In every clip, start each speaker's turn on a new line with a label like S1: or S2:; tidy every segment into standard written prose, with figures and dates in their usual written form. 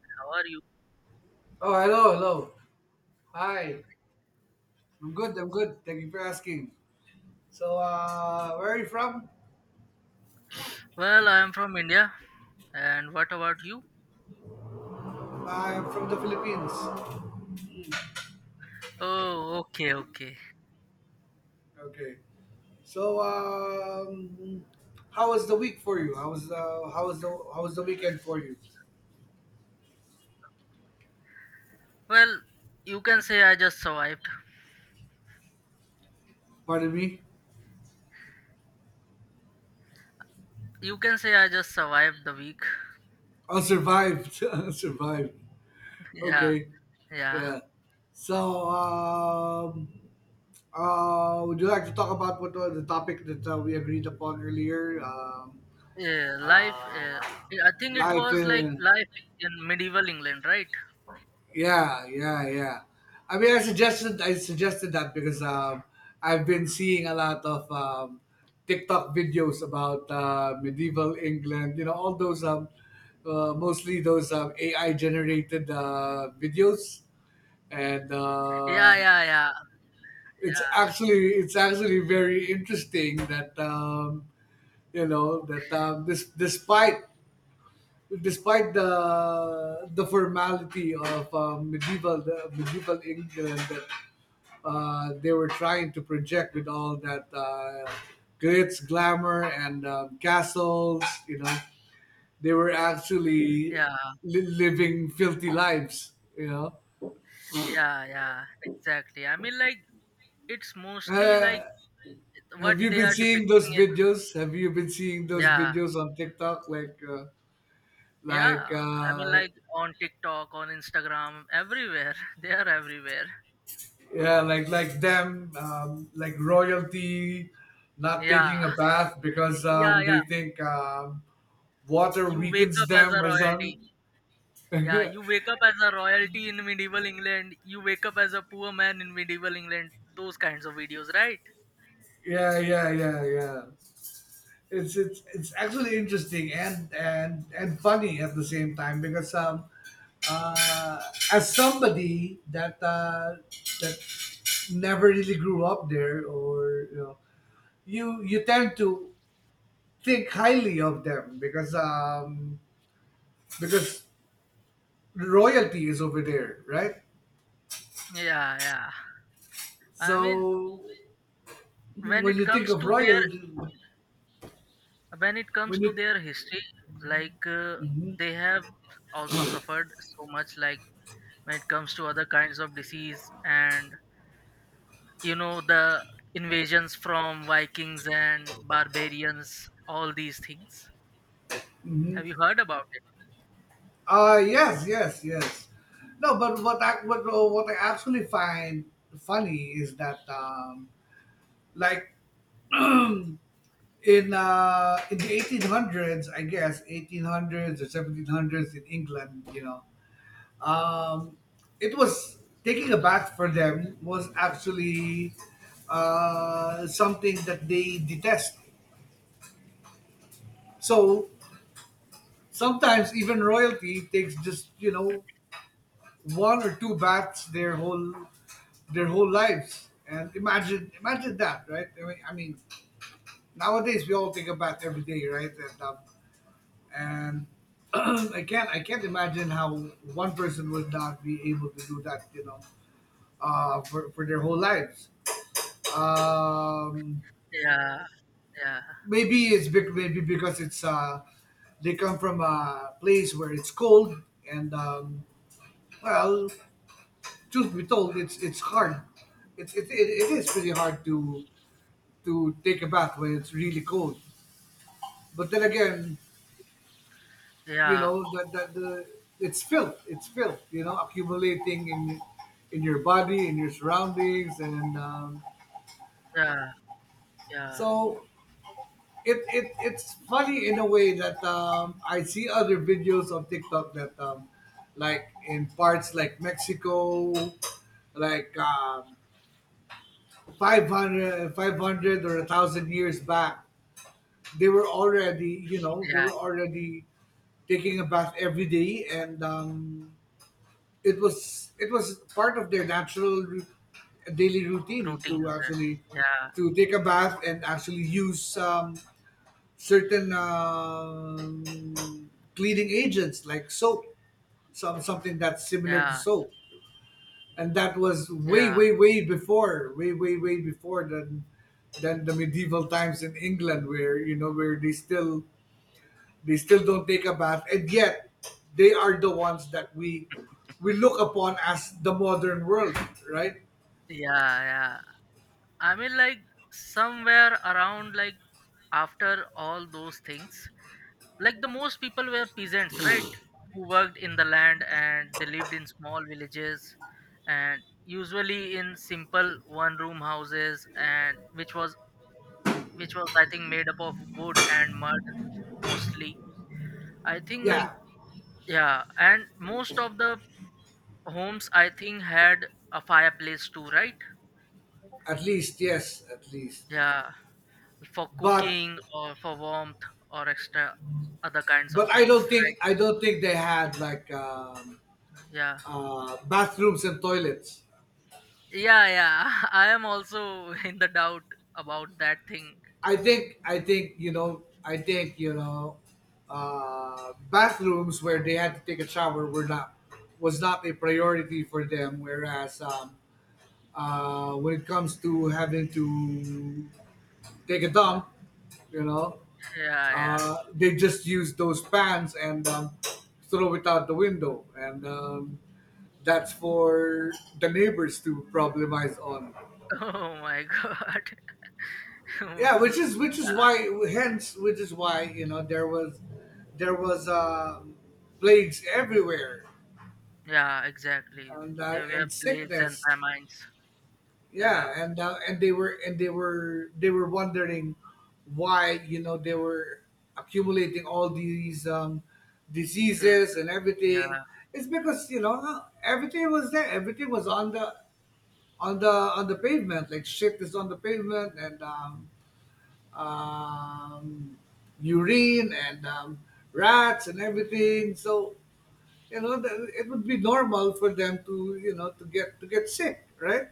S1: How are you?
S2: Oh, hello, hello. Hi. I'm good, I'm good. Thank you for asking. So, where are you from?
S1: Well, I am from India. And what about you?
S2: I'm from the Philippines.
S1: Oh, okay, okay.
S2: Okay. So, how was the week for you? How was the weekend for you?
S1: Well, you can say I just survived.
S2: Pardon me?
S1: You can say I just survived the week.
S2: Oh, survived. survived.
S1: Yeah,
S2: Okay.
S1: yeah.
S2: Yeah. So, would you like to talk about what was the topic that we agreed upon earlier?
S1: Yeah, life.
S2: Uh,
S1: I think it
S2: life
S1: was like
S2: in.
S1: life in medieval England, right?
S2: Yeah, yeah, yeah. I mean, I suggested that because, I've been seeing a lot of, TikTok videos about, medieval England, you know, all those, mostly those, ai generated videos. And,
S1: Yeah, yeah, yeah, yeah,
S2: it's actually very interesting that, you know that, this- despite the formality of, medieval the medieval England that, they were trying to project with all that, glitz, glamour, and, castles. You know, they were actually
S1: yeah,
S2: living filthy lives. You know,
S1: yeah. Exactly. I mean, like it's mostly
S2: uh,
S1: like what
S2: have you
S1: they
S2: been
S1: are
S2: seeing
S1: depicting
S2: those videos? Have you been seeing
S1: in.
S2: those
S1: Yeah,
S2: videos on TikTok, like, like
S1: yeah. I mean,
S2: uh,
S1: like on TikTok, on Instagram, everywhere. They are everywhere.
S2: yeah, like, them, like royalty, not taking
S1: Yeah,
S2: a bath because,
S1: yeah, yeah.
S2: they think, water
S1: You wake
S2: weakens
S1: up as
S2: them
S1: a
S2: or
S1: royalty.
S2: something.
S1: Yeah, you wake up as a royalty in medieval England. You wake up as a poor man in medieval England. Those kinds of videos, right?
S2: Yeah, yeah, yeah, yeah. It's actually interesting, and funny at the same time because, uh, as somebody that never really grew up there, or you know, you tend to think highly of them, because royalty is over there, right?
S1: Yeah, yeah. I mean,
S2: So
S1: when
S2: when
S1: it
S2: you think
S1: comes
S2: of
S1: to their
S2: royalty,
S1: when it comes
S2: when
S1: to
S2: you-
S1: their history, like they have also suffered so much. Like when it comes to other kinds of disease, and the invasions from Vikings and barbarians, all these things.
S2: mm.
S1: Have you heard about it?
S2: Yes, yes, yes. No, but what I actually find funny is that, like, in the 1800s, I guess 1800s or 1700s in England, you know, um, it was- taking a bath for them was actually, something that they detest. So sometimes even royalty takes, just you know, one or two bats their whole, their whole lives. And imagine that, right? I mean, nowadays we all take a bath every day, right? And, and I can't imagine how one person would not be able to do that, you know, for their whole lives. Um,
S1: Yeah, yeah,
S2: Maybe maybe because it's, they come from a place where it's cold, and, well, truth be told, it's hard. It is pretty hard to take a bath when it's really cold. But then again, you
S1: yeah,
S2: know that that the it's filth. It's filth. You know, accumulating in your body, in your surroundings, and, um,
S1: yeah, yeah,
S2: so it's funny in a way that, I see other videos on TikTok that, like in parts like Mexico, like, 500, 500, or 1,000 years back, they were already, you know, they
S1: yeah.
S2: were already taking a bath every day, and, it was part of their natural, daily routine to
S1: Routine, right?
S2: actually,
S1: Yeah,
S2: to take a bath and actually use, certain, cleaning agents like soap, something that's similar to
S1: yeah,
S2: soap. And that was way,
S1: yeah,
S2: way, way before, way, way, way before, than the medieval times in England, where you know, where they still don't take a bath, and yet they are the ones that we look upon as the modern world, right?
S1: yeah. I mean, like somewhere around, like after all those things, like the most people were peasants, right? Who worked in the land and they lived in small villages, and usually in simple one-room houses, and which was I think made up of wood and mud mostly. I think
S2: Yeah,
S1: like yeah, and most of the homes I think had a fireplace too, right?
S2: at least. Yes, at least.
S1: Yeah, for
S2: But
S1: cooking or for warmth or extra other kinds of
S2: but I don't
S1: things, right?
S2: think I don't think they had like,
S1: Yeah.
S2: bathrooms and toilets.
S1: Yeah, yeah. I am also in the doubt about that thing.
S2: I think you know I think you know bathrooms where they had to take a shower were not- was not a priority for them. Whereas, when it comes to having to take a dump, you know,
S1: Yeah, yeah.
S2: they just use those pans and, throw it out the window, and, that's for the neighbors to problemize on.
S1: Oh my god. L-
S2: Yeah, which is why, hence, which is why you know, there was plagues everywhere,
S1: yeah, exactly.
S2: and,
S1: They were plagued and
S2: sickness.
S1: famines. Yeah,
S2: Yeah, and, and they were wondering why, you know, they were accumulating all these,
S1: filled.
S2: diseases and everything.
S1: Yeah.
S2: It's because, you know, everything was there, everything was on the, on the on the pavement, like shit is on the pavement, and, um, urine, and, rats, and everything. So, you know, that it would be normal for them to, you know, to get sick, right?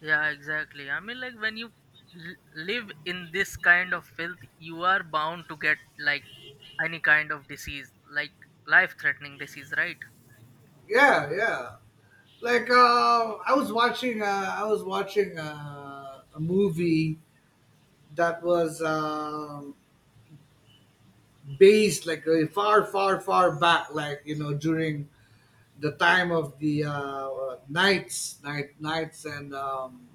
S1: Yeah, exactly. I mean, like when you live in this kind of filth, you are bound to get like any kind of disease, like life-threatening disease, right?
S2: Yeah, yeah. Like, I was watching, a movie that was, based like, far, far, far back, like you know, during the time of the,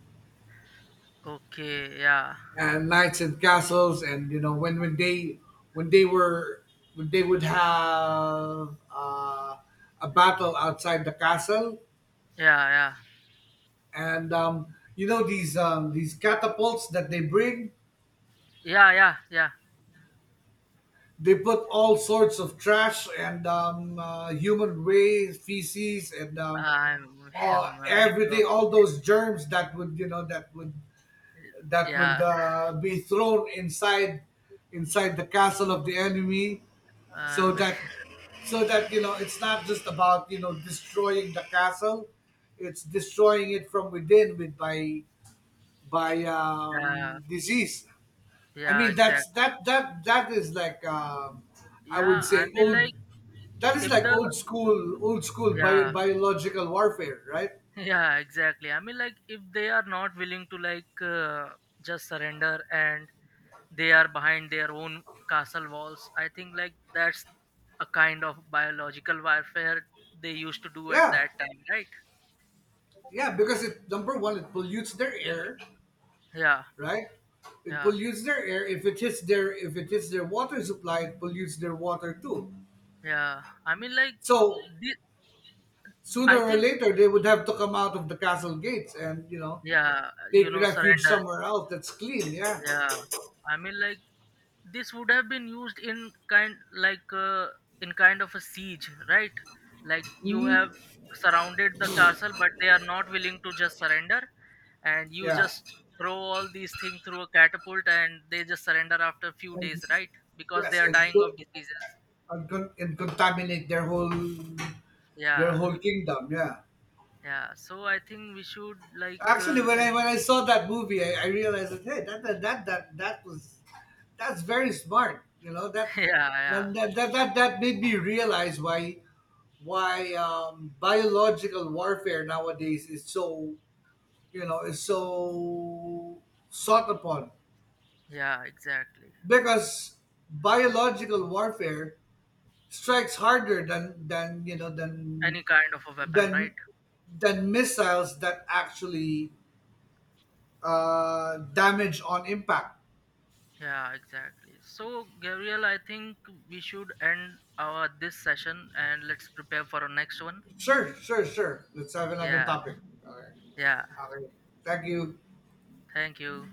S1: Okay, yeah, N-
S2: knights and castles, and you know when, when they were when they would have, a battle outside the castle,
S1: yeah, yeah,
S2: and, you know, these, these catapults that they bring,
S1: yeah, yeah, yeah.
S2: they put all sorts of trash, and, human waste, feces, and,
S1: I'm,
S2: all,
S1: my
S2: everything,
S1: God,
S2: all those germs that would, you know, that would,
S1: yeah,
S2: be thrown inside, the castle of the enemy, so
S1: um,
S2: that, you know, it's not just about, you know, destroying the castle, it's destroying it from within, with, by,
S1: yeah,
S2: disease. I
S1: yeah,
S2: mean, that's-
S1: exactly.
S2: that is like, I would
S1: Yeah, I
S2: say
S1: mean,
S2: old
S1: like
S2: that is
S1: if
S2: like
S1: the,
S2: old school,
S1: yeah,
S2: biological warfare, right?
S1: yeah, exactly. I mean, like if they are not willing to like just surrender and they are behind their own castle walls. I think like that's a kind of biological warfare they used to do at
S2: Yeah,
S1: that time, right?
S2: yeah, because it- number one, it pollutes their air,
S1: Yeah,
S2: right? It
S1: yeah,
S2: pollutes their air. If it hits their water supply, it pollutes their water too.
S1: yeah. I mean like
S2: So
S1: thi-
S2: sooner
S1: I
S2: or
S1: think
S2: later, they would have to come out of the castle gates and, you know,
S1: yeah, you
S2: take
S1: know,
S2: refuge
S1: surrender.
S2: somewhere else that's clean. Yeah,
S1: Yeah. I mean like this would have been used in kind like in kind of a siege, right? Like you have surrounded the castle but they are not willing to just surrender and you
S2: yeah,
S1: just throw all these things through a catapult and they just surrender after a few
S2: and
S1: days, right? Because they
S2: yes,
S1: are
S2: and,
S1: dying of diseases.
S2: and, and contaminate their whole, their
S1: Yeah,
S2: whole kingdom. Yeah.
S1: yeah. So I think we should like
S2: Actually, when I,
S1: and
S2: when I saw that movie, I realized that, hey, that was- that's very smart. You know that
S1: yeah yeah
S2: that that that that, that made me realize why, biological warfare nowadays is so, you know, is so sought upon,
S1: yeah exactly,
S2: because biological warfare strikes harder than, you know,
S1: any kind of a weapon,
S2: than
S1: right?
S2: than missiles that actually, damage on impact.
S1: Yeah, exactly. So Gabriel, I think we should end our this session and let's prepare for our next one.
S2: Sure, sure, sure. Let's have another
S1: Yeah,
S2: topic. All
S1: yeah,
S2: right. Okay. Thank you.
S1: thank you.